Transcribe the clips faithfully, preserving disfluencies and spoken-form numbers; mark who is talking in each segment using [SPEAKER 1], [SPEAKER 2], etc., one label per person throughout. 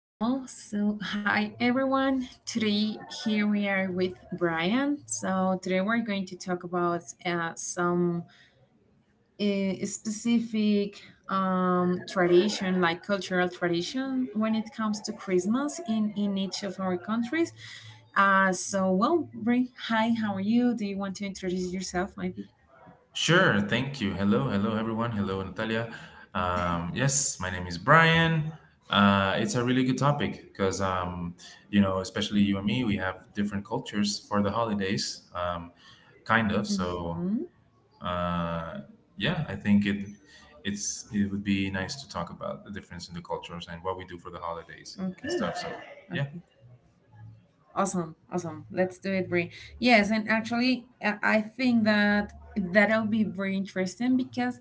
[SPEAKER 1] Well, so hi everyone. Today, here we are with Brian. So, today we're going to talk about uh, some uh, specific um, tradition, like cultural tradition, when it comes to Christmas in, in each of our countries. Uh, so, well, Bri, hi, how are you? Do you want to introduce yourself, maybe?
[SPEAKER 2] Sure, thank you. Hello, hello everyone. Hello, Natalia. Um, yes, my name is Brian. Uh, it's a really good topic because, um, you know, especially you and me, we have different cultures for the holidays, um, kind of.
[SPEAKER 1] Mm-hmm.
[SPEAKER 2] So, uh, yeah, I think it it's it would be nice to talk about the difference in the cultures and what we do for the holidays and
[SPEAKER 1] Okay.
[SPEAKER 2] stuff. So,
[SPEAKER 1] Okay.
[SPEAKER 2] yeah.
[SPEAKER 1] Awesome, awesome. Let's do it, Brie. Yes, and actually, I I think that that'll be very interesting because,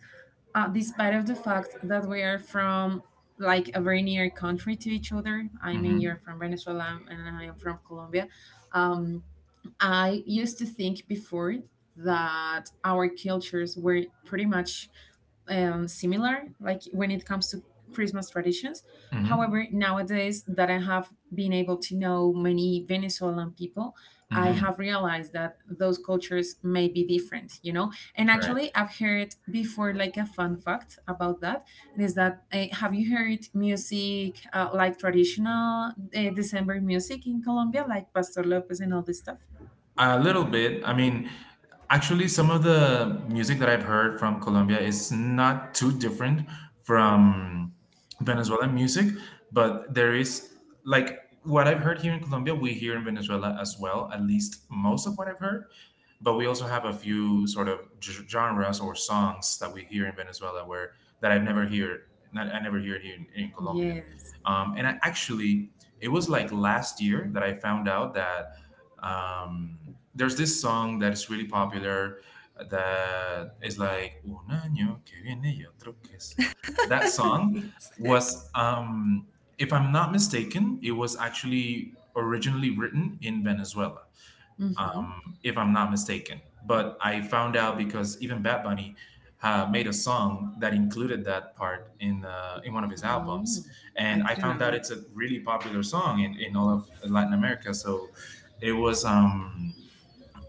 [SPEAKER 1] uh, despite of the fact that we are from like a very near country to each other, I
[SPEAKER 2] Mm-hmm.
[SPEAKER 1] mean, you're from Venezuela and I am from Colombia. Um, I used to think before that our cultures were pretty much um, similar, like when it comes to Christmas traditions.
[SPEAKER 2] Mm-hmm.
[SPEAKER 1] However, nowadays that I have been able to know many Venezuelan people, I
[SPEAKER 2] Mm-hmm.
[SPEAKER 1] have realized that those cultures may be different, you know. And
[SPEAKER 2] Right.
[SPEAKER 1] actually, I've heard before, like a fun fact about that it is that uh, have you heard music uh, like traditional uh, December music in Colombia, like Pastor Lopez and all this stuff?
[SPEAKER 2] A little bit. I mean, actually, some of the music that I've heard from Colombia is not too different from Venezuelan music, but there is, like, what I've heard here in Colombia, we hear in Venezuela as well, at least most of what I've heard. But we also have a few sort of g- genres or songs that we hear in Venezuela where that I've never hear, not, I never hear here in, in Colombia.
[SPEAKER 1] Yes.
[SPEAKER 2] Um, and I actually, it was like last year that I found out that um, there's this song that is really popular that is like un año que viene y otro que se va. That song
[SPEAKER 1] Yes.
[SPEAKER 2] was, um, if I'm not mistaken, it was actually originally written in Venezuela,
[SPEAKER 1] Hmm.
[SPEAKER 2] um, if I'm not mistaken. But I found out because even Bad Bunny uh, made a song that included that part in uh, in one of his
[SPEAKER 1] Oh,
[SPEAKER 2] albums,
[SPEAKER 1] I
[SPEAKER 2] and I
[SPEAKER 1] didn't
[SPEAKER 2] found
[SPEAKER 1] know
[SPEAKER 2] out
[SPEAKER 1] that.
[SPEAKER 2] it's a really popular song in, in all of Latin America. So it was. Um,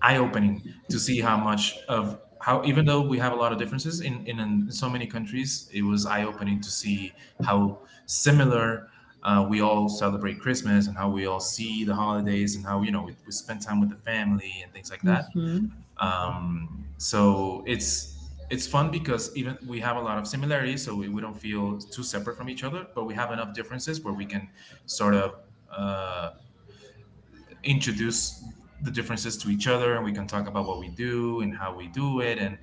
[SPEAKER 2] Eye-opening to see how much of how, even though we have a lot of differences in in, in so many countries, it was eye-opening to see how similar uh, we all celebrate Christmas and how we all see the holidays and how, you know, we, we spend time with the family and things like that.
[SPEAKER 1] Mm-hmm.
[SPEAKER 2] Um, so it's it's fun because even we have a lot of similarities, so we, we don't feel too separate from each other, but we have enough differences where we can sort of uh, introduce the differences to each other and we can talk about what we do and how we do it, and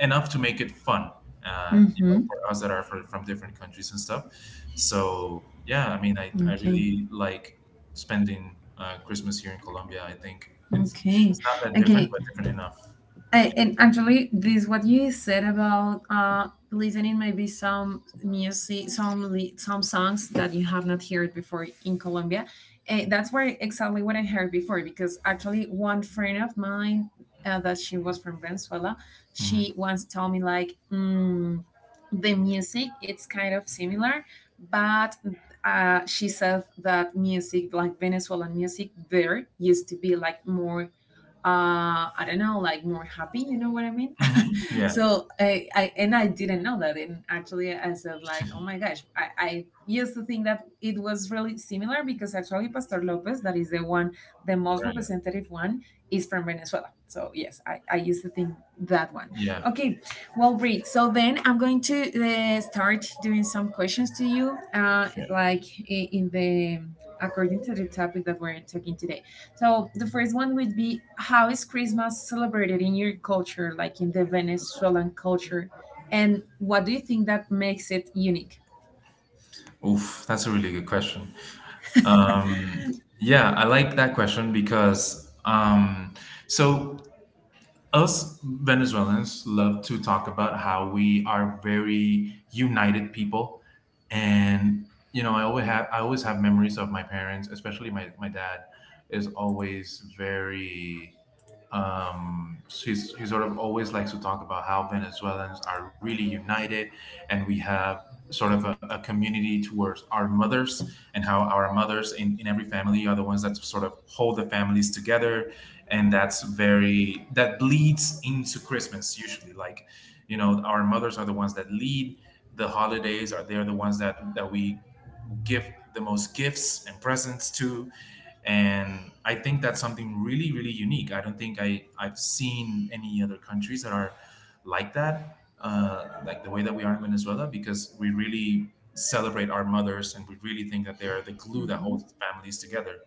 [SPEAKER 2] enough to make it fun, uh, you
[SPEAKER 1] Mm-hmm.
[SPEAKER 2] know, for us that are for, from different countries and stuff. So yeah, I mean, i, I
[SPEAKER 1] Okay.
[SPEAKER 2] really like spending uh, Christmas here in Colombia. I think it's
[SPEAKER 1] Okay.
[SPEAKER 2] it's not that different,
[SPEAKER 1] Okay.
[SPEAKER 2] but different enough.
[SPEAKER 1] I, and actually, this what you said about uh, listening maybe some music, some li- some songs that you have not heard before in Colombia. Eh, that's where exactly what I heard before because actually one friend of mine uh, that she was from Venezuela,
[SPEAKER 2] Yeah. Hmm
[SPEAKER 1] she once told me like mm, the music it's kind of similar, but uh, she said that music like Venezuelan music there used to be like more uh I don't know, like more happy, you know what I mean?
[SPEAKER 2] hmm. Yeah.
[SPEAKER 1] So I, I and i didn't know that. And actually, I said like, oh my gosh, I, I used to think that it was really similar because actually Pastor Lopez, that is the one, the most
[SPEAKER 2] Right.
[SPEAKER 1] representative one, is from Venezuela. So yes, i, I used to think that one.
[SPEAKER 2] Yeah.
[SPEAKER 1] Okay, well, Brie, so then I'm going to uh, start doing some questions to you, uh,
[SPEAKER 2] Shit.
[SPEAKER 1] like i- in the according to the topic that we're talking today. So the first one would be, how is Christmas celebrated in your culture, like in the Venezuelan culture, and what do you think that makes it unique?
[SPEAKER 2] Oof, that's a really good question. Um, yeah, I like that question because, um, so, us Venezuelans love to talk about how we are very united people, and, you know, I always have I always have memories of my parents, especially my my dad, is always very, um, she's she sort of always likes to talk about how Venezuelans are really united, and we have sort of a, a community towards our mothers and how our mothers in, in every family are the ones that sort of hold the families together, and that's very, that bleeds into Christmas usually. Like, you know, our mothers are the ones that lead the holidays, are they're the ones that that we give the most gifts and presents to. And I think that's something really, really unique. I don't think i I've seen any other countries that are like that, uh, like the way that we are in Venezuela, because we really celebrate our mothers and we really think that they're the glue that
[SPEAKER 1] Mm,
[SPEAKER 2] holds families together.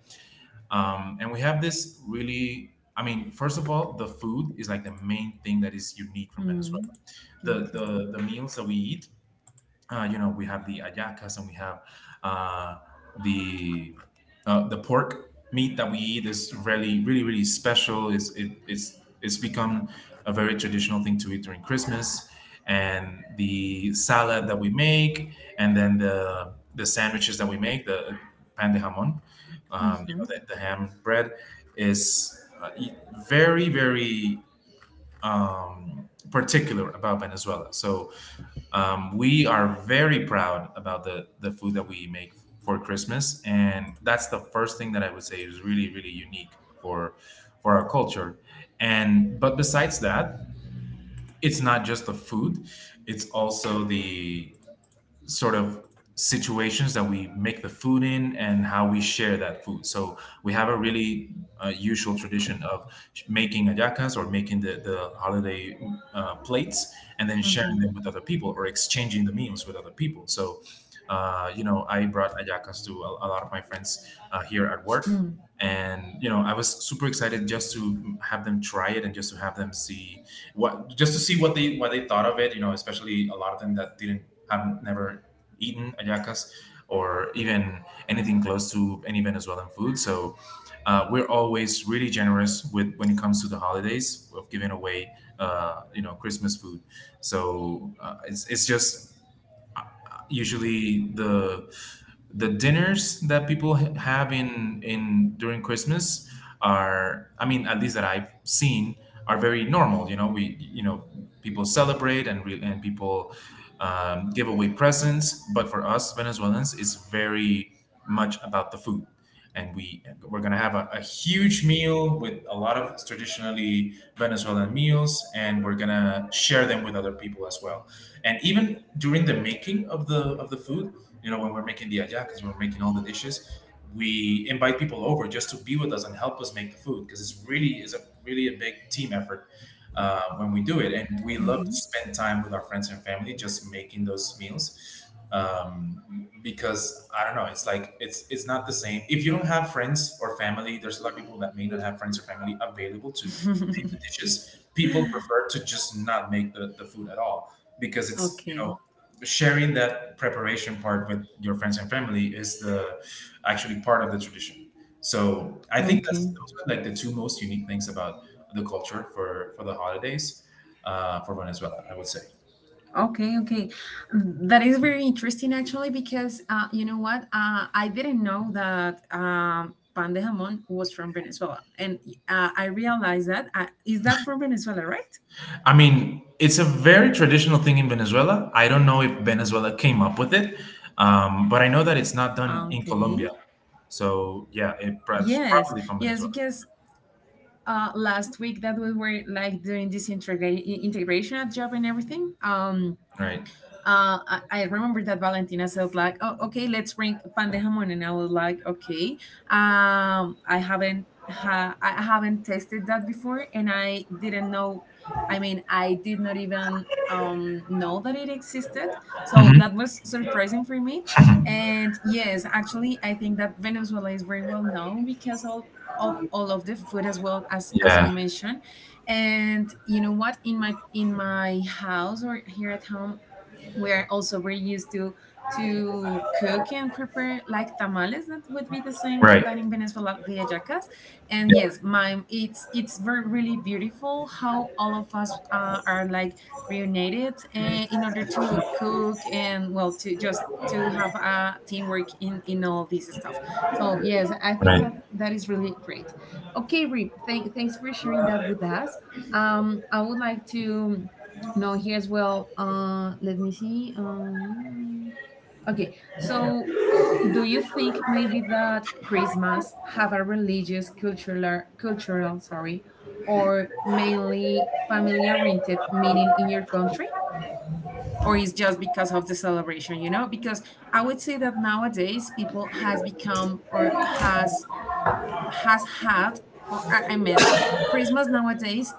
[SPEAKER 2] um, And we have this really, I mean, first of all, the food is like the main thing that is unique from
[SPEAKER 1] mm,
[SPEAKER 2] Venezuela. The
[SPEAKER 1] okay.
[SPEAKER 2] the, the meals that we eat, uh, you know, we have the ayacas, and we have, uh, the uh, the pork meat that we eat is really, really, really special. It's it, it's it's become a very traditional thing to eat during Christmas, and the salad that we make, and then the the sandwiches that we make, the pan de jamon, um, you
[SPEAKER 1] Mm-hmm,
[SPEAKER 2] know, the, the ham bread is uh, e- very, very, um, particular about Venezuela. So, um, we are very proud about the the food that we make for Christmas, and that's the first thing that I would say is really, really unique for for our culture. And but besides that, it's not just the food; it's also the sort of situations that we make the food in, and how we share that food. So we have a really, uh, usual tradition of sh- making ayacas, or making the, the holiday uh, plates, and then sharing
[SPEAKER 1] mm-hmm,
[SPEAKER 2] them with other people, or exchanging the meals with other people. So, uh, you know, I brought ayacas to a, a lot of my friends, uh, here at work.
[SPEAKER 1] mm,
[SPEAKER 2] And, you know, I was super excited just to have them try it, and just to have them see what, just to see what they, what they thought of it. You know, especially a lot of them that didn't have never eaten ayacas, or even anything close to any Venezuelan food. So, uh, we're always really generous with, when it comes to the holidays, of giving away, uh, you know, Christmas food. So, uh, it's it's just usually the the dinners that people ha- have in in during Christmas are, I mean, at least that I've seen, are very normal. You know, we, you know, people celebrate and re- and people, um, give away presents, but for us Venezuelans, it's very much about the food. And we we're gonna have a, a huge meal with a lot of traditionally Venezuelan meals, and we're gonna share them with other people as well. And even during the making of the of the food, you know, when we're making the ayacas, when we're making all the dishes, we invite people over, just to be with us and help us make the food, because it's really is a really a big team effort, uh, when we do it, and we love to spend time with our friends and family just making those meals. Um, because i don't know, it's like, it's it's not the same if you don't have friends or family. There's a lot of people that may not have friends or family available to make the dishes. People prefer to just not make the, the food at all, because it's, you know,
[SPEAKER 1] okay.
[SPEAKER 2] sharing that preparation part with your friends and family is the actually part of the tradition. So I think
[SPEAKER 1] Okay.
[SPEAKER 2] that's those are like the two most unique things about the culture for for the holidays, uh, for Venezuela, I would say.
[SPEAKER 1] Okay, okay, that is very interesting actually because uh, you know what? Uh, I didn't know that um, pan de jamón was from Venezuela, and uh, I realized that uh, is that from Venezuela, right?
[SPEAKER 2] I mean, it's a very traditional thing in Venezuela. I don't know if Venezuela came up with it, um, but I know that it's not done in
[SPEAKER 1] Okay.
[SPEAKER 2] Colombia. So yeah, it, that's
[SPEAKER 1] Yes,
[SPEAKER 2] probably from
[SPEAKER 1] yes,
[SPEAKER 2] Venezuela,
[SPEAKER 1] because uh, last week that we were like doing this integra- integration at job and everything. Um,
[SPEAKER 2] right?
[SPEAKER 1] uh, I, I remember that Valentina said like, "Oh, okay, let's bring pan de jamón," and I was like, "Okay, um, I haven't ha- I haven't tasted that before, and I didn't know. I mean, I did not even um, know that it existed. So
[SPEAKER 2] hmm
[SPEAKER 1] that was surprising for me. And yes, actually, I think that Venezuela is very well known because of of all of the food as well as as you
[SPEAKER 2] Yeah,
[SPEAKER 1] mentioned. And you know what, in my in my house or here at home, we're also very used to to cook and prepare like tamales, that would be the same
[SPEAKER 2] right.
[SPEAKER 1] that in Venezuela, the hallacas. And yes, my it's it's very really beautiful how all of us uh, are like reunited, uh, in order to cook, and well, to just to have a teamwork in in all this stuff. So yes, I
[SPEAKER 2] Yeah,
[SPEAKER 1] think
[SPEAKER 2] right.
[SPEAKER 1] that that is really great. Okay, Rip, thank, thanks for sharing that with us. um I would like to No, here's well. Uh, let me see. Um, okay, so do you think maybe that Christmas have a religious, cultural, cultural, sorry, or mainly family-oriented meaning in your country, or is just because of the celebration? You know, because I would say that nowadays people has become or has has had, or I I mean, Christmas nowadays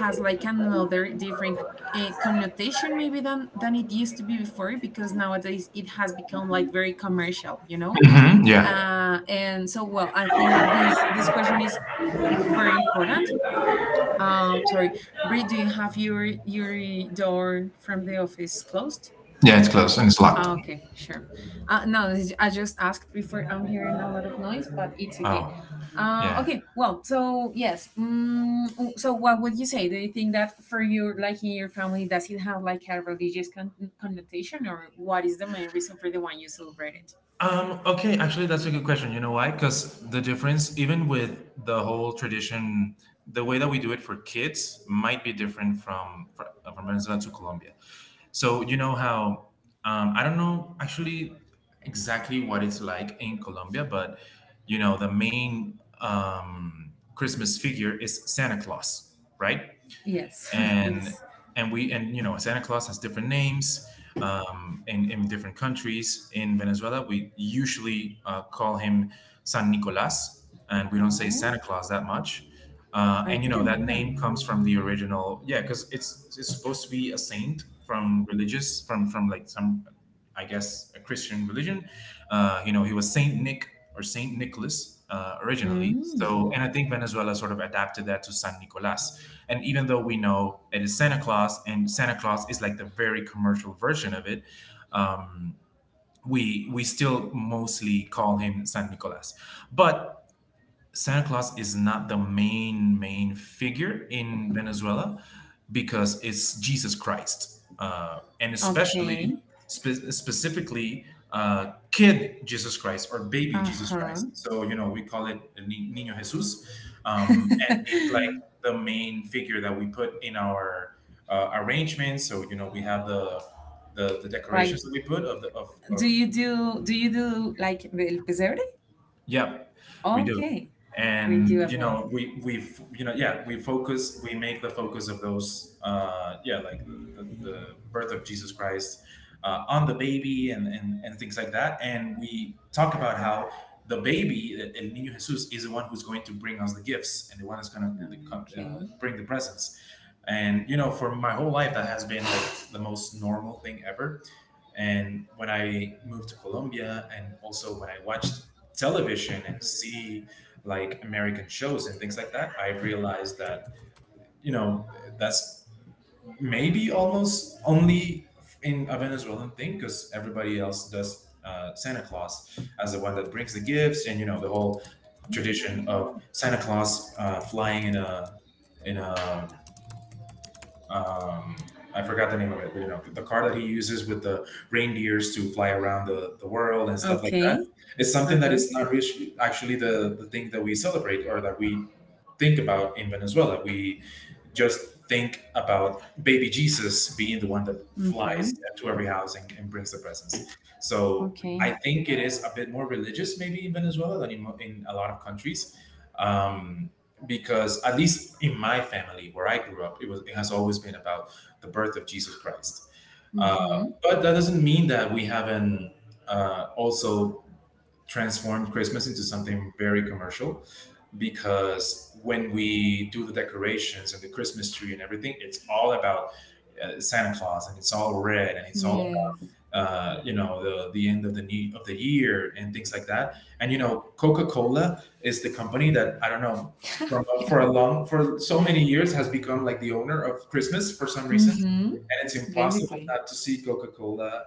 [SPEAKER 1] has like another different uh, connotation maybe than than it used to be before because nowadays it has become like very commercial, you know.
[SPEAKER 2] hmm Yeah,
[SPEAKER 1] Uh, and so, well, I think this this question is very important. Um, sorry, Brie, do you have your your door from the office closed?
[SPEAKER 2] yeah, it's closed and it's locked.
[SPEAKER 1] Ah, okay, sure. Uh, no, this- I just asked before. I'm hearing a lot of noise, but it's okay.
[SPEAKER 2] Oh,
[SPEAKER 1] Uh,
[SPEAKER 2] yeah.
[SPEAKER 1] okay, well, so yes. Um, so, what would you say? Do you think that for your, like in your family, does it have like a religious con- connotation, or what is the main reason for the one you celebrated?
[SPEAKER 2] Um, okay, actually, that's a good question. You know why? Because the difference, even with the whole tradition, the way that we do it for kids might be different from fr- from Venezuela to Colombia. So you know how, um, I don't know actually exactly what it's like in Colombia, but you know the main, um, Christmas figure is Santa Claus, right?
[SPEAKER 1] Yes, it
[SPEAKER 2] and
[SPEAKER 1] is.
[SPEAKER 2] and we and you know Santa Claus has different names, um, in in different countries. In Venezuela, we usually uh, call him San Nicolas, and we don't say
[SPEAKER 1] Oh,
[SPEAKER 2] Santa Claus that much. Uh,
[SPEAKER 1] I
[SPEAKER 2] and you know
[SPEAKER 1] didn't
[SPEAKER 2] that
[SPEAKER 1] know
[SPEAKER 2] name
[SPEAKER 1] that.
[SPEAKER 2] comes from the original, yeah, because it's it's supposed to be a saint from religious, from from like some, I guess, a Christian religion. Uh, you know, he was Saint Nick or Saint Nicholas, uh, originally. So,
[SPEAKER 1] Mm,
[SPEAKER 2] and I think Venezuela sort of adapted that to San Nicolas. And even though we know it is Santa Claus, and Santa Claus is like the very commercial version of it, um, we we still mostly call him San Nicolas. But Santa Claus is not the main main figure in Venezuela, because it's Jesus Christ, uh, and especially
[SPEAKER 1] okay.
[SPEAKER 2] spe- specifically, uh, kid Jesus Christ or baby
[SPEAKER 1] Uh
[SPEAKER 2] Jesus
[SPEAKER 1] huh.
[SPEAKER 2] Christ. So you know we call it Ni- Niño Jesus, um, and it's like the main figure that we put in our, uh, arrangements. So you know we have the the, the decorations
[SPEAKER 1] Like,
[SPEAKER 2] that we put of the of, of
[SPEAKER 1] do you do do you do like the el pesebre?
[SPEAKER 2] Yeah, we do.
[SPEAKER 1] Okay. We do
[SPEAKER 2] And
[SPEAKER 1] as
[SPEAKER 2] you
[SPEAKER 1] well.
[SPEAKER 2] know, we we f- you know, yeah, we focus. We make the focus of those, uh, yeah, like the, the, the birth of Jesus Christ, uh, on the baby, and, and and things like that. And we talk about how the baby, the El Niño Jesus, is the one who's going to bring us the gifts and the one that's going to, uh,
[SPEAKER 1] Okay.
[SPEAKER 2] bring the presents. And you know, for my whole life, that has been like the most normal thing ever. And when I moved to Colombia, and also when I watched television and see like American shows and things like that, I realized that you know that's maybe almost only in a Venezuelan thing because everybody else does uh, Santa Claus as the one that brings the gifts and you know the whole tradition of Santa Claus uh, flying in a in a um, I forgot the name of it, but you know, the, the car that he uses with the reindeers to fly around the, the world and stuff like that.
[SPEAKER 1] Okay.
[SPEAKER 2] It's something that
[SPEAKER 1] Uh-huh.
[SPEAKER 2] is not really actually the, the thing that we celebrate or that we think about in Venezuela. We just think about baby Jesus being the one that
[SPEAKER 1] Mm-hmm.
[SPEAKER 2] flies to every house and, and brings the presents. So
[SPEAKER 1] Okay.
[SPEAKER 2] I think it is a bit more religious, maybe in Venezuela than in, mo- in a lot of countries, um, because at least in my family where I grew up, it was it has always been about the birth of Jesus Christ. Uh,
[SPEAKER 1] Mm-hmm.
[SPEAKER 2] but that doesn't mean that we haven't uh, also transformed Christmas into something very commercial because when we do the decorations and the Christmas tree and everything, it's all about uh, Santa Claus, and it's all red, and it's all
[SPEAKER 1] Yes.
[SPEAKER 2] uh, you know the the end of the ne- of the year and things like that. And you know, Coca Cola is the company that, I don't know, from
[SPEAKER 1] Yeah.
[SPEAKER 2] for a long for so many years, has become like the owner of Christmas for some reason,
[SPEAKER 1] Mm-hmm.
[SPEAKER 2] and it's impossible
[SPEAKER 1] Basically.
[SPEAKER 2] not to see Coca Cola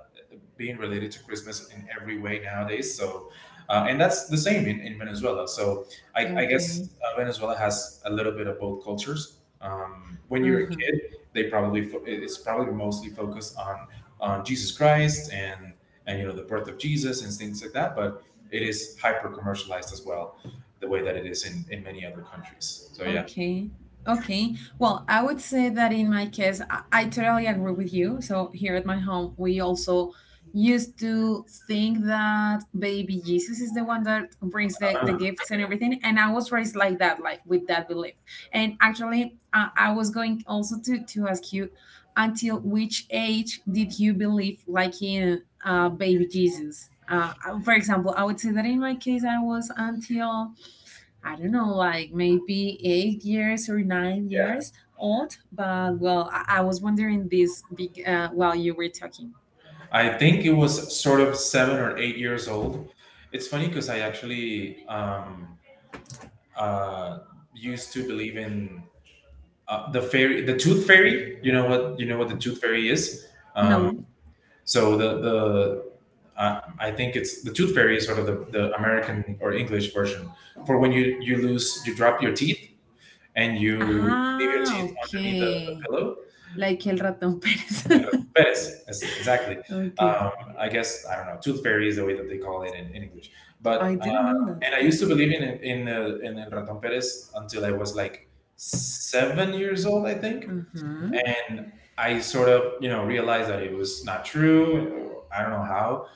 [SPEAKER 2] being related to Christmas in every way nowadays. So, uh, and that's the same in, in Venezuela. So, I, I
[SPEAKER 1] Okay.
[SPEAKER 2] guess uh, Venezuela has a little bit of both cultures. Um, when you're a
[SPEAKER 1] Uh-huh.
[SPEAKER 2] kid, they probably fo- it- it's probably mostly focused on on Jesus Christ and and you know the birth of Jesus and things like that. But it is hyper commercialized as well, the way that it is in in many other countries. So yeah,
[SPEAKER 1] Okay. Okay. Well, I would say that in my case, I, I totally agree with you. So here at my home, we also used to think that baby Jesus is the one that brings the, the gifts and everything. And I was raised like that, like with that belief. And actually, uh, I was going also to, to ask you until which age did you believe like in uh, baby Jesus? Uh, for example, I would say that in my case, I was until I don't know, like maybe eight years or nine
[SPEAKER 2] yeah.
[SPEAKER 1] years old. But well, I, I was wondering this big uh, while you were talking.
[SPEAKER 2] I think it was sort of seven or eight years old. It's funny because I actually um, uh, used to believe in uh, the fairy, the tooth fairy. You know what you know what the tooth fairy is. Um,
[SPEAKER 1] No.
[SPEAKER 2] so the the uh, I think it's the tooth fairy is sort of the, the American or English version for when you you lose you drop your teeth and you leave your
[SPEAKER 1] Ah,
[SPEAKER 2] teeth underneath the, the
[SPEAKER 1] okay.
[SPEAKER 2] pillow.
[SPEAKER 1] Like El Ratón Pérez.
[SPEAKER 2] Perez, yes, exactly.
[SPEAKER 1] Okay.
[SPEAKER 2] Um, I guess I don't know. Tooth fairy is the way that they call it in, in English. But
[SPEAKER 1] I
[SPEAKER 2] uh,
[SPEAKER 1] didn't know that.
[SPEAKER 2] and I used to
[SPEAKER 1] Okay.
[SPEAKER 2] believe in in uh, in El Raton Perez until I was like seven years old, I think,
[SPEAKER 1] Uh huh.
[SPEAKER 2] and I sort of you know realized that it was not true. I don't know how,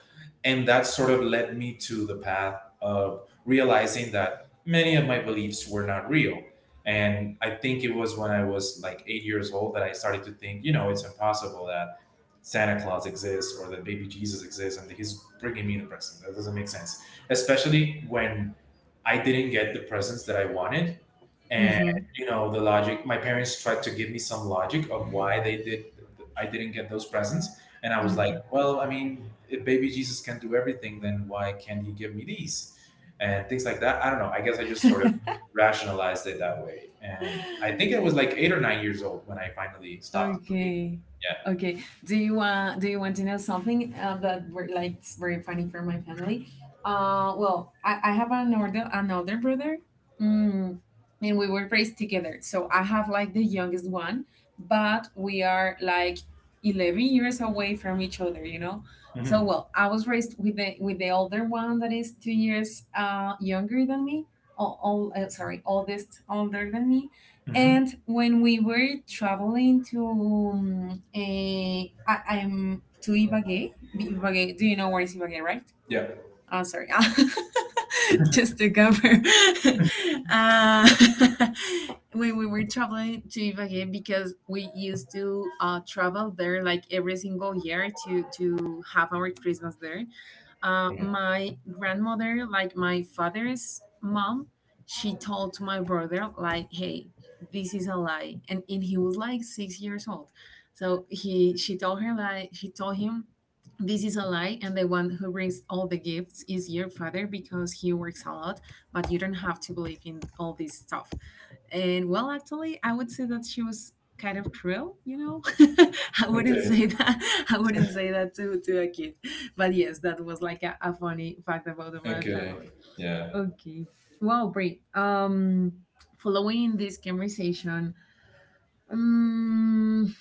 [SPEAKER 2] and that sort of led me to the path of realizing that many of my beliefs were not real, and I think it was when I was like eight years old that I started to think, you know, it's impossible that santa claus exists or that baby jesus exists and that he's bringing me the presents. That doesn't make sense, especially when I didn't get the presents that I wanted. And
[SPEAKER 1] Mm
[SPEAKER 2] you know the logic, my parents tried to give me some logic of why they did, I didn't get those presents, and I
[SPEAKER 1] hmm.
[SPEAKER 2] was like,
[SPEAKER 1] Okay.
[SPEAKER 2] well, I mean, if baby Jesus can do everything, then why can't he give me these? And things like that. I don't know. I guess I just sort of rationalized it that way. And I think I was like eight or nine years old when I finally stopped believing.
[SPEAKER 1] Okay. Okay. Do you want do you want to know something uh, that were like it's very funny for my family? Uh well, I, I have another another brother. Mm, and we were raised together. So I have like the youngest one, but we are like eleven years away from each other, you know.
[SPEAKER 2] Yeah.
[SPEAKER 1] So well, I was raised with the with the older one that is two years uh younger than me. Oh, oh, sorry, oldest older than me.
[SPEAKER 2] Hmm hmm.
[SPEAKER 1] And when we were traveling to um, eh, I, I'm to Ibagué, B- Ibagué, do you know where is Ibagué, right?
[SPEAKER 2] Yeah.
[SPEAKER 1] Uh, sorry, just to cover. uh, when we were traveling to Ibagué, because we used to uh, travel there like every single year to to have our Christmas there. Uh,
[SPEAKER 2] Yeah.
[SPEAKER 1] my grandmother, like my father's mom, she told my brother like, "Hey, this is a lie," and and he was like six years old. So he she told her, like, she told him, this is a lie, and the one who brings all the gifts is your father because he works a lot, but you don't have to believe in all this stuff. And well, actually, I would say that she was kind of cruel, you know? I wouldn't
[SPEAKER 2] Okay.
[SPEAKER 1] say that. I wouldn't say that to, to a kid. But yes, that was like a, a funny fact about my
[SPEAKER 2] Okay.
[SPEAKER 1] family.
[SPEAKER 2] Yeah.
[SPEAKER 1] Okay. Well, Brie, um, following this conversation, um,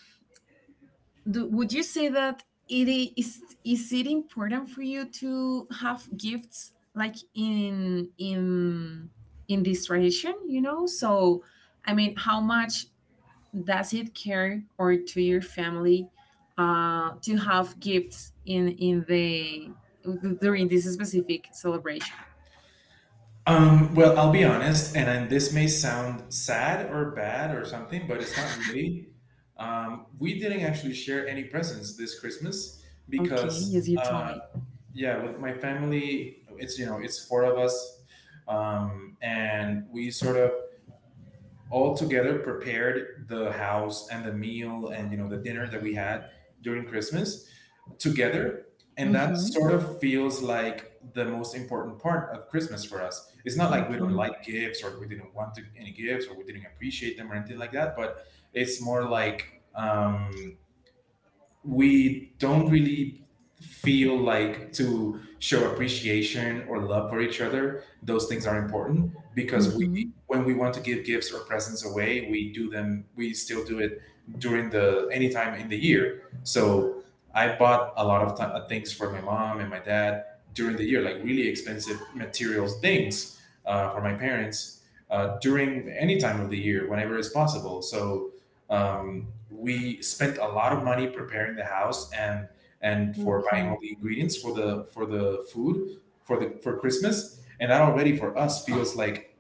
[SPEAKER 1] do, would you say that it I- is is it important for you to have gifts like in in in this tradition? You know, so I mean, how much does it care or to your family, uh, to have gifts in in the during this specific celebration?
[SPEAKER 2] Um, well, I'll be honest, and, and this may sound sad or bad or something, but it's not really. Um, we didn't actually share any presents this Christmas
[SPEAKER 1] Okay, yes,
[SPEAKER 2] because
[SPEAKER 1] you told
[SPEAKER 2] uh,
[SPEAKER 1] me.
[SPEAKER 2] yeah, with my family, it's you know it's four of us, um and we sort of all together prepared the house and the meal and you know the dinner that we had during christmas together, and that
[SPEAKER 1] Mm-hmm.
[SPEAKER 2] sort of feels like the most important part of christmas for us. It's not like we don't
[SPEAKER 1] Okay.
[SPEAKER 2] like gifts or we didn't want to, any gifts, or we didn't appreciate them or anything like that, but it's more like, um we don't really feel like, to show appreciation or love for each other, those things are important, because we,
[SPEAKER 1] Mm-hmm.
[SPEAKER 2] when we want to give gifts or presents away, we do them, we still do it, during the anytime in the year. So I bought a lot of th- things for my mom and my dad during the year, like really expensive materials things, uh, for my parents, uh, during any time of the year whenever it's possible. So, um, we spent a lot of money preparing the house and and for buying
[SPEAKER 1] Okay.
[SPEAKER 2] all the ingredients for the for the food, for the for Christmas. And that already for us feels like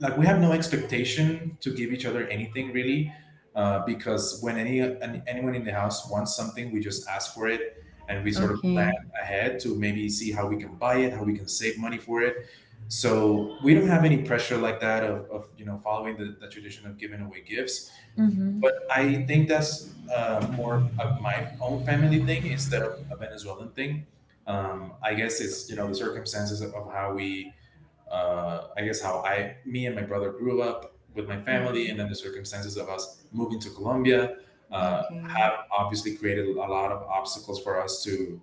[SPEAKER 2] like we have no expectation to give each other anything really, uh, because when any an, anyone in the house wants something, we just ask for it, and we sort of plan
[SPEAKER 1] Okay.
[SPEAKER 2] ahead to maybe see how we can buy it, how we can save money for it. So we don't have any pressure like that of, of you know following the, the tradition of giving away gifts,
[SPEAKER 1] Mm-hmm.
[SPEAKER 2] but I think that's uh, more of my own family thing instead of a Venezuelan thing. Um, I guess it's you know the circumstances of of how we, uh, I guess how I, me and my brother grew up with my family, and then
[SPEAKER 1] Mm-hmm.
[SPEAKER 2] the circumstances of us moving to Colombia uh,
[SPEAKER 1] Okay.
[SPEAKER 2] have obviously created a lot of obstacles for us to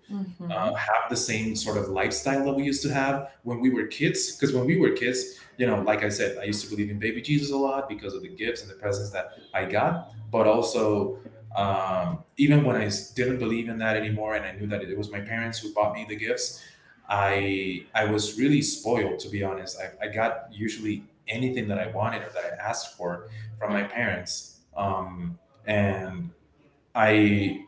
[SPEAKER 2] uh,
[SPEAKER 1] Mm-hmm.
[SPEAKER 2] have the same sort of lifestyle that we used to have when we were kids. Because when we were kids, you know, like I said, I used to believe in baby Jesus a lot because of the gifts and the presents that I got. But also, um, even when I s- didn't believe in that anymore, and I knew that it was my parents who bought me the gifts, I I was really spoiled, to be honest. I, I got usually anything that I wanted or that I asked for from my parents, um, and I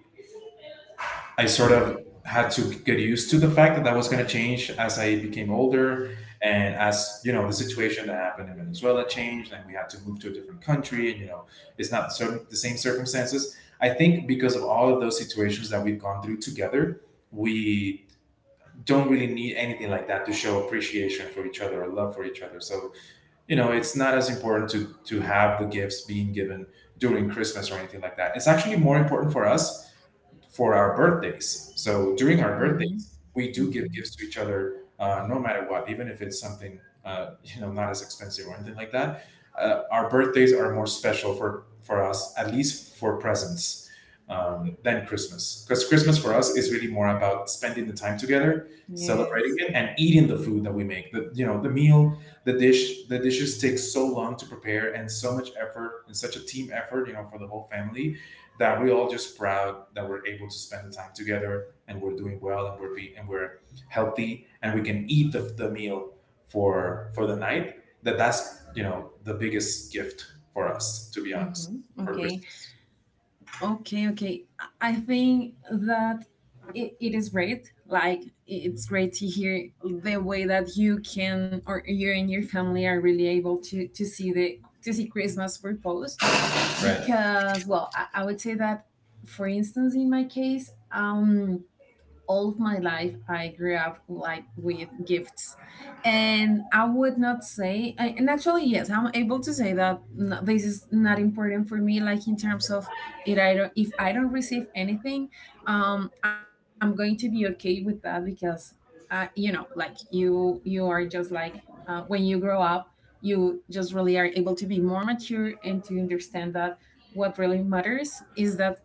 [SPEAKER 2] I sort of had to get used to the fact that that was going to change as I became older, and as you know the situation that happened in Venezuela changed and we had to move to a different country, and you know it's not certain, the same circumstances. I think because of all of those situations that we've gone through together, we don't really need anything like that to show appreciation for each other or love for each other. So, you know, it's not as important to to have the gifts being given during Christmas or anything like that. It's actually more important for us for our birthdays. So during our
[SPEAKER 1] Mm.
[SPEAKER 2] birthdays, we do give
[SPEAKER 1] Mm-hmm.
[SPEAKER 2] gifts to each other, uh, no matter what, even if it's something uh, you know not as expensive or anything like that. Uh, our birthdays are more special for for us, at least for presents, um, than Christmas, because Christmas for
[SPEAKER 1] Okay.
[SPEAKER 2] us is really more about spending the time together, celebrating
[SPEAKER 1] Yes.
[SPEAKER 2] it, and eating the food that we make. The You know the meal, the dish, the dishes take so long to prepare and so much effort and such a team effort, you know, for the whole family, that we all just proud that we're able to spend the time together, and we're doing well, and we're be and we're healthy, and we can eat the, the meal for for the night. That that's you know the biggest gift for us, to be honest,
[SPEAKER 1] Mm-hmm.
[SPEAKER 2] for
[SPEAKER 1] Okay.
[SPEAKER 2] christmas.
[SPEAKER 1] Okay. Okay. I I think that it, it is great. Like i- it's great to hear the way that you can or you and your family are really able to to see the to see Christmas proposed, because well, I, I would say that for instance in my case um all of my life I grew up like with gifts. And I would not say I- and actually yes, I'm able to say that n- this is not important for me, like in terms of it I don't if I don't receive anything. um I'm going to be okay with that because uh you know like you you are just like, uh, when you grow up, you just really are able to be more mature and to understand that what really matters is that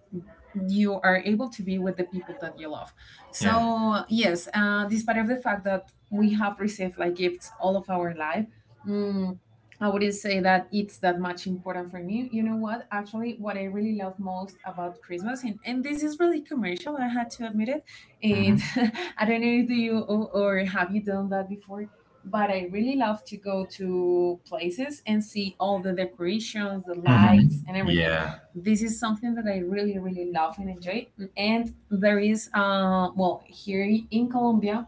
[SPEAKER 1] you are able to be with the people that you love.
[SPEAKER 2] Yeah.
[SPEAKER 1] So yes, uh, despite of the fact that we have received like gifts all of our life, mm, I wouldn't say that it's that much important for me. You know what? Actually, what I really love most about Christmas, and, and this is really commercial, I had to admit it. It
[SPEAKER 2] Hmm
[SPEAKER 1] I don't know if do you or, or have you done that before, but I really love to go to places and see all the decorations, the
[SPEAKER 2] hmm.
[SPEAKER 1] lights, and everything.
[SPEAKER 2] Yeah.
[SPEAKER 1] This is something that I really, really love and enjoy. And there is, uh well, here in Colombia,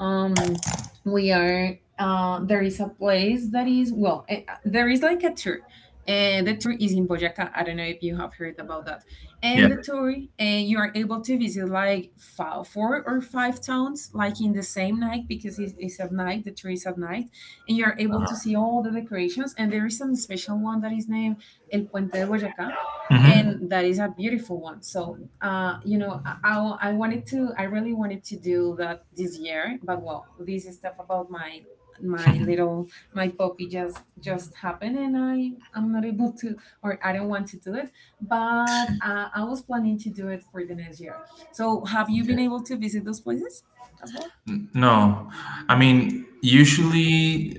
[SPEAKER 1] um we are uh there is a place that is well, eh, uh, there is like a tour, and the tour is in Boyacá. I don't know if you have heard about that.
[SPEAKER 2] Yeah.
[SPEAKER 1] And the tour, and you are able to visit like five, four or five towns, like in the same night because it's, it's at night. The tour is at night, and you are able to see all the decorations. And there is a special one that is named El Puente de Boyacá,
[SPEAKER 2] Hmm.
[SPEAKER 1] and that is a beautiful one. So uh, you know I, I, I wanted to I really wanted to do that this year, but well, this stuff about my
[SPEAKER 2] okay.
[SPEAKER 1] my little my puppy just just happened, and i i'm not able to or I don't want to do it. But uh, I was planning to do it for the next year. So have you been able to visit those places as well?
[SPEAKER 2] N- No, I mean, usually,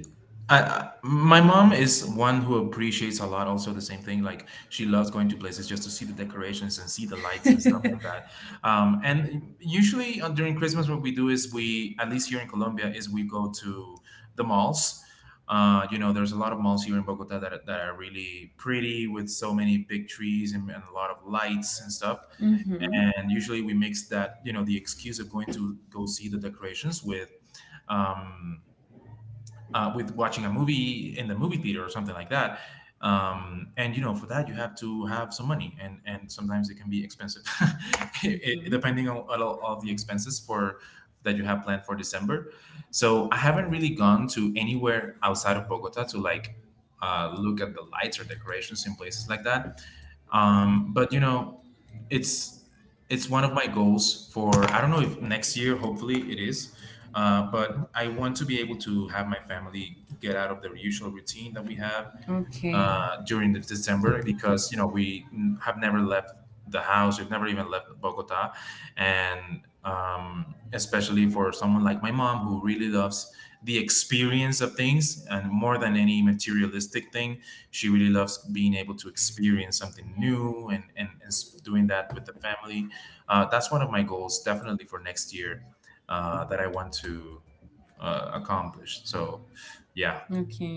[SPEAKER 2] I, my mom is one who appreciates a lot. Also, the same thing, like she loves going to places just to see the decorations and see the lights and stuff
[SPEAKER 1] Mm-hmm,
[SPEAKER 2] like that. Um, and usually on, during Christmas, what we do is we, at least here in Colombia, is we go to the malls. Uh, you know, there's a lot of malls here in Bogota that are, that are really pretty with so many big trees and, and a lot of lights and stuff, and usually we mix that you know the excuse of going to go see the decorations with um, uh, with watching a movie in the movie theater or something like that. Um, and you know, for that you have to have some money, and and sometimes it can be expensive, it, it-
[SPEAKER 1] mm-hmm.
[SPEAKER 2] depending on on all of the expenses for that you have planned for December. So I haven't really gone to anywhere outside of Bogota to like uh, look at the lights or decorations in places like that. Um, but you know, it's it's one of my goals for, I don't know, if next year, hopefully it is. Uh, but I want to be able to have my family get out of their usual routine that we have uh,
[SPEAKER 1] Okay,
[SPEAKER 2] during the December, because you know we n- have never left the house. We've never even left Bogota, and um, especially for someone like my mom, who really loves the experience of things and more than any materialistic thing, she really loves being able to experience something new, and, and, and s- doing that with the family. Uh, that's one of my goals, definitely, for next year. Uh, that I want to uh, accomplish. So yeah.
[SPEAKER 1] okay.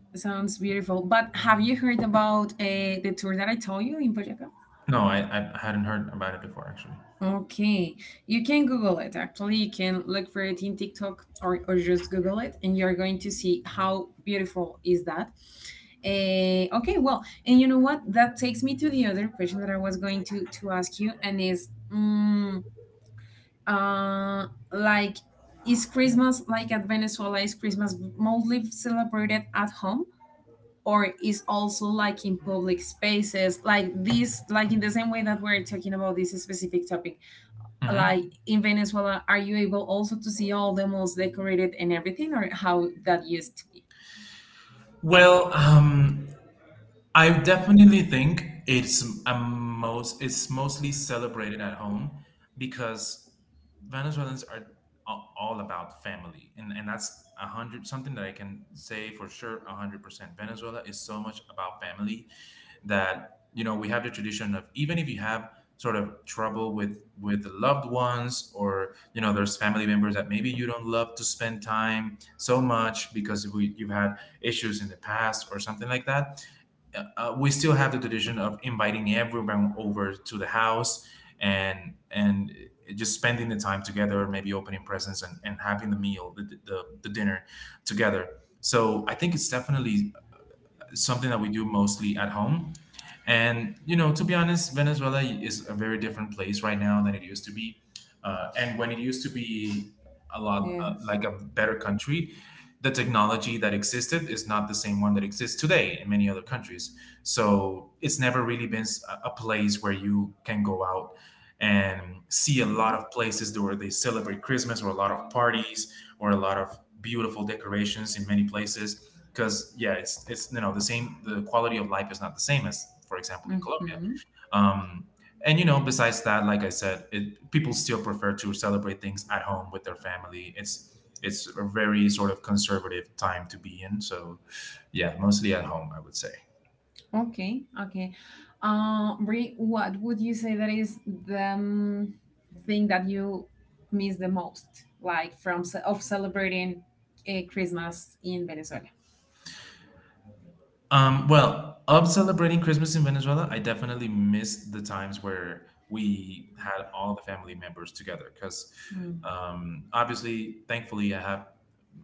[SPEAKER 1] Sounds beautiful. But have you heard about uh, the tour that I told you in Boyaca?
[SPEAKER 2] No, I, I hadn't heard about it before, actually.
[SPEAKER 1] Okay, you can Google it. Actually, you can look for it in TikTok or, or just Google it, and you're going to see how beautiful is that. Eh, okay, well, and you know what? That takes me to the other question that I was going to to ask you, and is mm, uh, like, is Christmas like at Venezuela? Is Christmas mostly celebrated at home? Or is also like in public spaces like this, like in the same way that we're talking about this specific topic, like
[SPEAKER 2] Mhm.
[SPEAKER 1] in Venezuela, are you able also to see all the malls decorated and everything, or how that used to be?
[SPEAKER 2] Well, um, I definitely think it's a most it's mostly celebrated at home, because Venezuelans are a- all about family, and and that's a hundred something that I can say for sure. A hundred percent. Venezuela is so much about family, that you know we have the tradition of, even if you have sort of trouble with with the loved ones, or you know there's family members that maybe you don't love to spend time so much because we, you've had issues in the past or something like that. Uh, uh, we still have the tradition of inviting everyone over to the house, and and just spending the time together, maybe opening presents, and, and having the meal, the, the, the dinner together. So I think it's definitely something that we do mostly at home. And you know, to be honest, Venezuela is a very different place right now than it used to be. Uh, and when it used to be a lot, uh,
[SPEAKER 1] Yes.
[SPEAKER 2] like a better country, the technology that existed is not the same one that exists today in many other countries. So it's never really been s- a a place where you can go out and see a lot
[SPEAKER 1] Mhm.
[SPEAKER 2] of places where they celebrate Christmas, or a lot of parties, or a lot of beautiful decorations in many places, because yeah, it's it's you know the same. The quality of life is not the same as, for example,
[SPEAKER 1] Hmm.
[SPEAKER 2] in Colombia.
[SPEAKER 1] Mm-hmm.
[SPEAKER 2] Um, and you know, besides that, like I said, it, people still prefer to celebrate things at home with their family. It's it's a very sort of conservative time to be in. So yeah, mostly at home, I would say.
[SPEAKER 1] Okay, okay. uh Bri, what would you say that is the um, thing that you miss the most, like from ce- of celebrating a Christmas in Venezuela?
[SPEAKER 2] Um, well, of celebrating Christmas in Venezuela, I definitely missed the times where we had all the family members together. Because um, obviously, thankfully, I have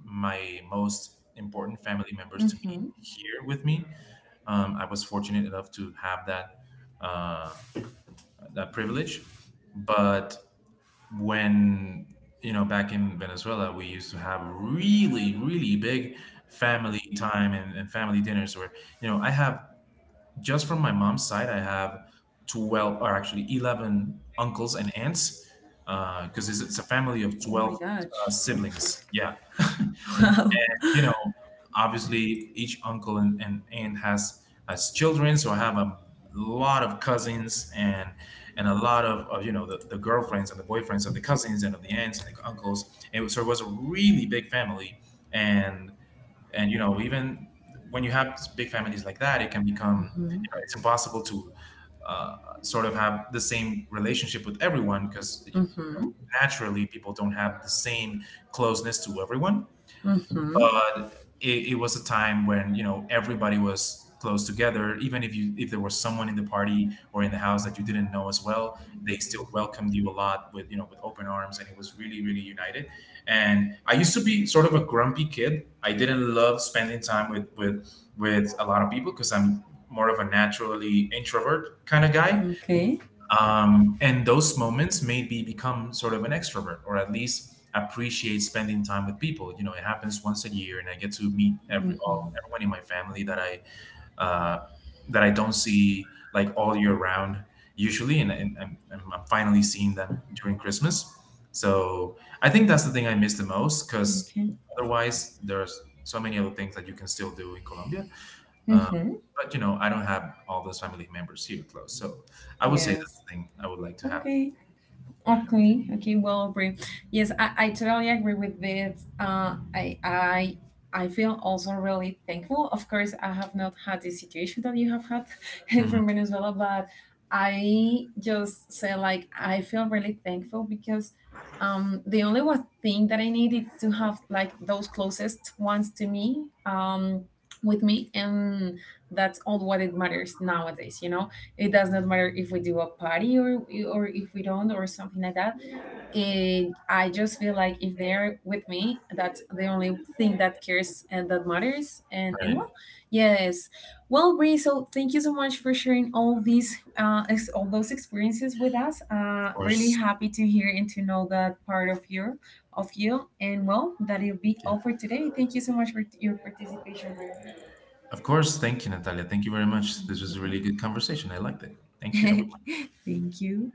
[SPEAKER 2] my most important family members to be
[SPEAKER 1] Hmm.
[SPEAKER 2] here with me. Um, I was fortunate enough to have that, uh, that privilege. But when, you know, back in Venezuela, we used to have really, really big family time, and, and family dinners where, you know, I have, just from my mom's side, I have twelve, or actually eleven uncles and aunts, because it's, it's a family of
[SPEAKER 1] Oh my
[SPEAKER 2] twelve uh,
[SPEAKER 1] gosh.
[SPEAKER 2] siblings. Yeah. You know, obviously, each uncle and, and aunt has has children. So I have a lot of cousins, and and a lot of, of you know the, the girlfriends and the boyfriends of the cousins and of the aunts and the uncles. And so it was a really big family. And and you know even when you have big families like that, it can become, you
[SPEAKER 1] Mm-hmm.
[SPEAKER 2] know it's impossible to uh, sort of have the same relationship with everyone, because you know,
[SPEAKER 1] Mm-hmm.
[SPEAKER 2] naturally, people don't have the same closeness to everyone.
[SPEAKER 1] Mm-hmm.
[SPEAKER 2] But it, it was a time when you know everybody was close together, even if you if there was someone in the party or in the house that you didn't know as well, they still welcomed you a lot with you know with open arms. And it was really, really united. And I used to be sort of a grumpy kid. I didn't love spending time with with with a lot of people, because I'm more of a naturally introvert kind of guy.
[SPEAKER 1] Okay.
[SPEAKER 2] Um, and those moments made me become sort of an extrovert, or at least appreciate spending time with people. You know it happens once a year, and I get to meet every all, everyone in my family that I, uh, that I don't see like all year round usually. and, and I'm, I'm I'm finally seeing them during Christmas. So I think that's the thing I miss the most, because
[SPEAKER 1] Okay.
[SPEAKER 2] otherwise there's so many other things that you can still do in Colombia. Uh,
[SPEAKER 1] Mm-hmm.
[SPEAKER 2] but you know, I don't have all those family members here close, so I would say that's
[SPEAKER 1] Yes.
[SPEAKER 2] the thing I would like to have.
[SPEAKER 1] Okay. Okay, okay, well, agree. Yes, I, I totally agree with this. Uh, I I I feel also really thankful. Of course, I have not had the situation that you have had
[SPEAKER 2] Mhm.
[SPEAKER 1] from Venezuela, but I just say like I feel really thankful because um, the only one thing that I need is to have like those closest ones to me, um, with me, and that's all what it matters nowadays. You know, it does not matter if we do a party or or if we don't or something like that. And I just feel like if they're with me, that's the only thing that cares and that matters. And
[SPEAKER 2] Right,
[SPEAKER 1] and
[SPEAKER 2] of
[SPEAKER 1] well, yes. Well, Bree, so thank you so much for sharing all these uh ex- all those experiences with us, uh really
[SPEAKER 2] course.
[SPEAKER 1] happy to hear and to know that part of your of you. And well, that'll be
[SPEAKER 2] Yeah.
[SPEAKER 1] all for today. Thank you so much for your participation, Bree.
[SPEAKER 2] Of course. Thank you, Natalia. Thank you very much. This was a
[SPEAKER 1] Well,
[SPEAKER 2] really good conversation. I liked it. Thank you, everyone.
[SPEAKER 1] thank you.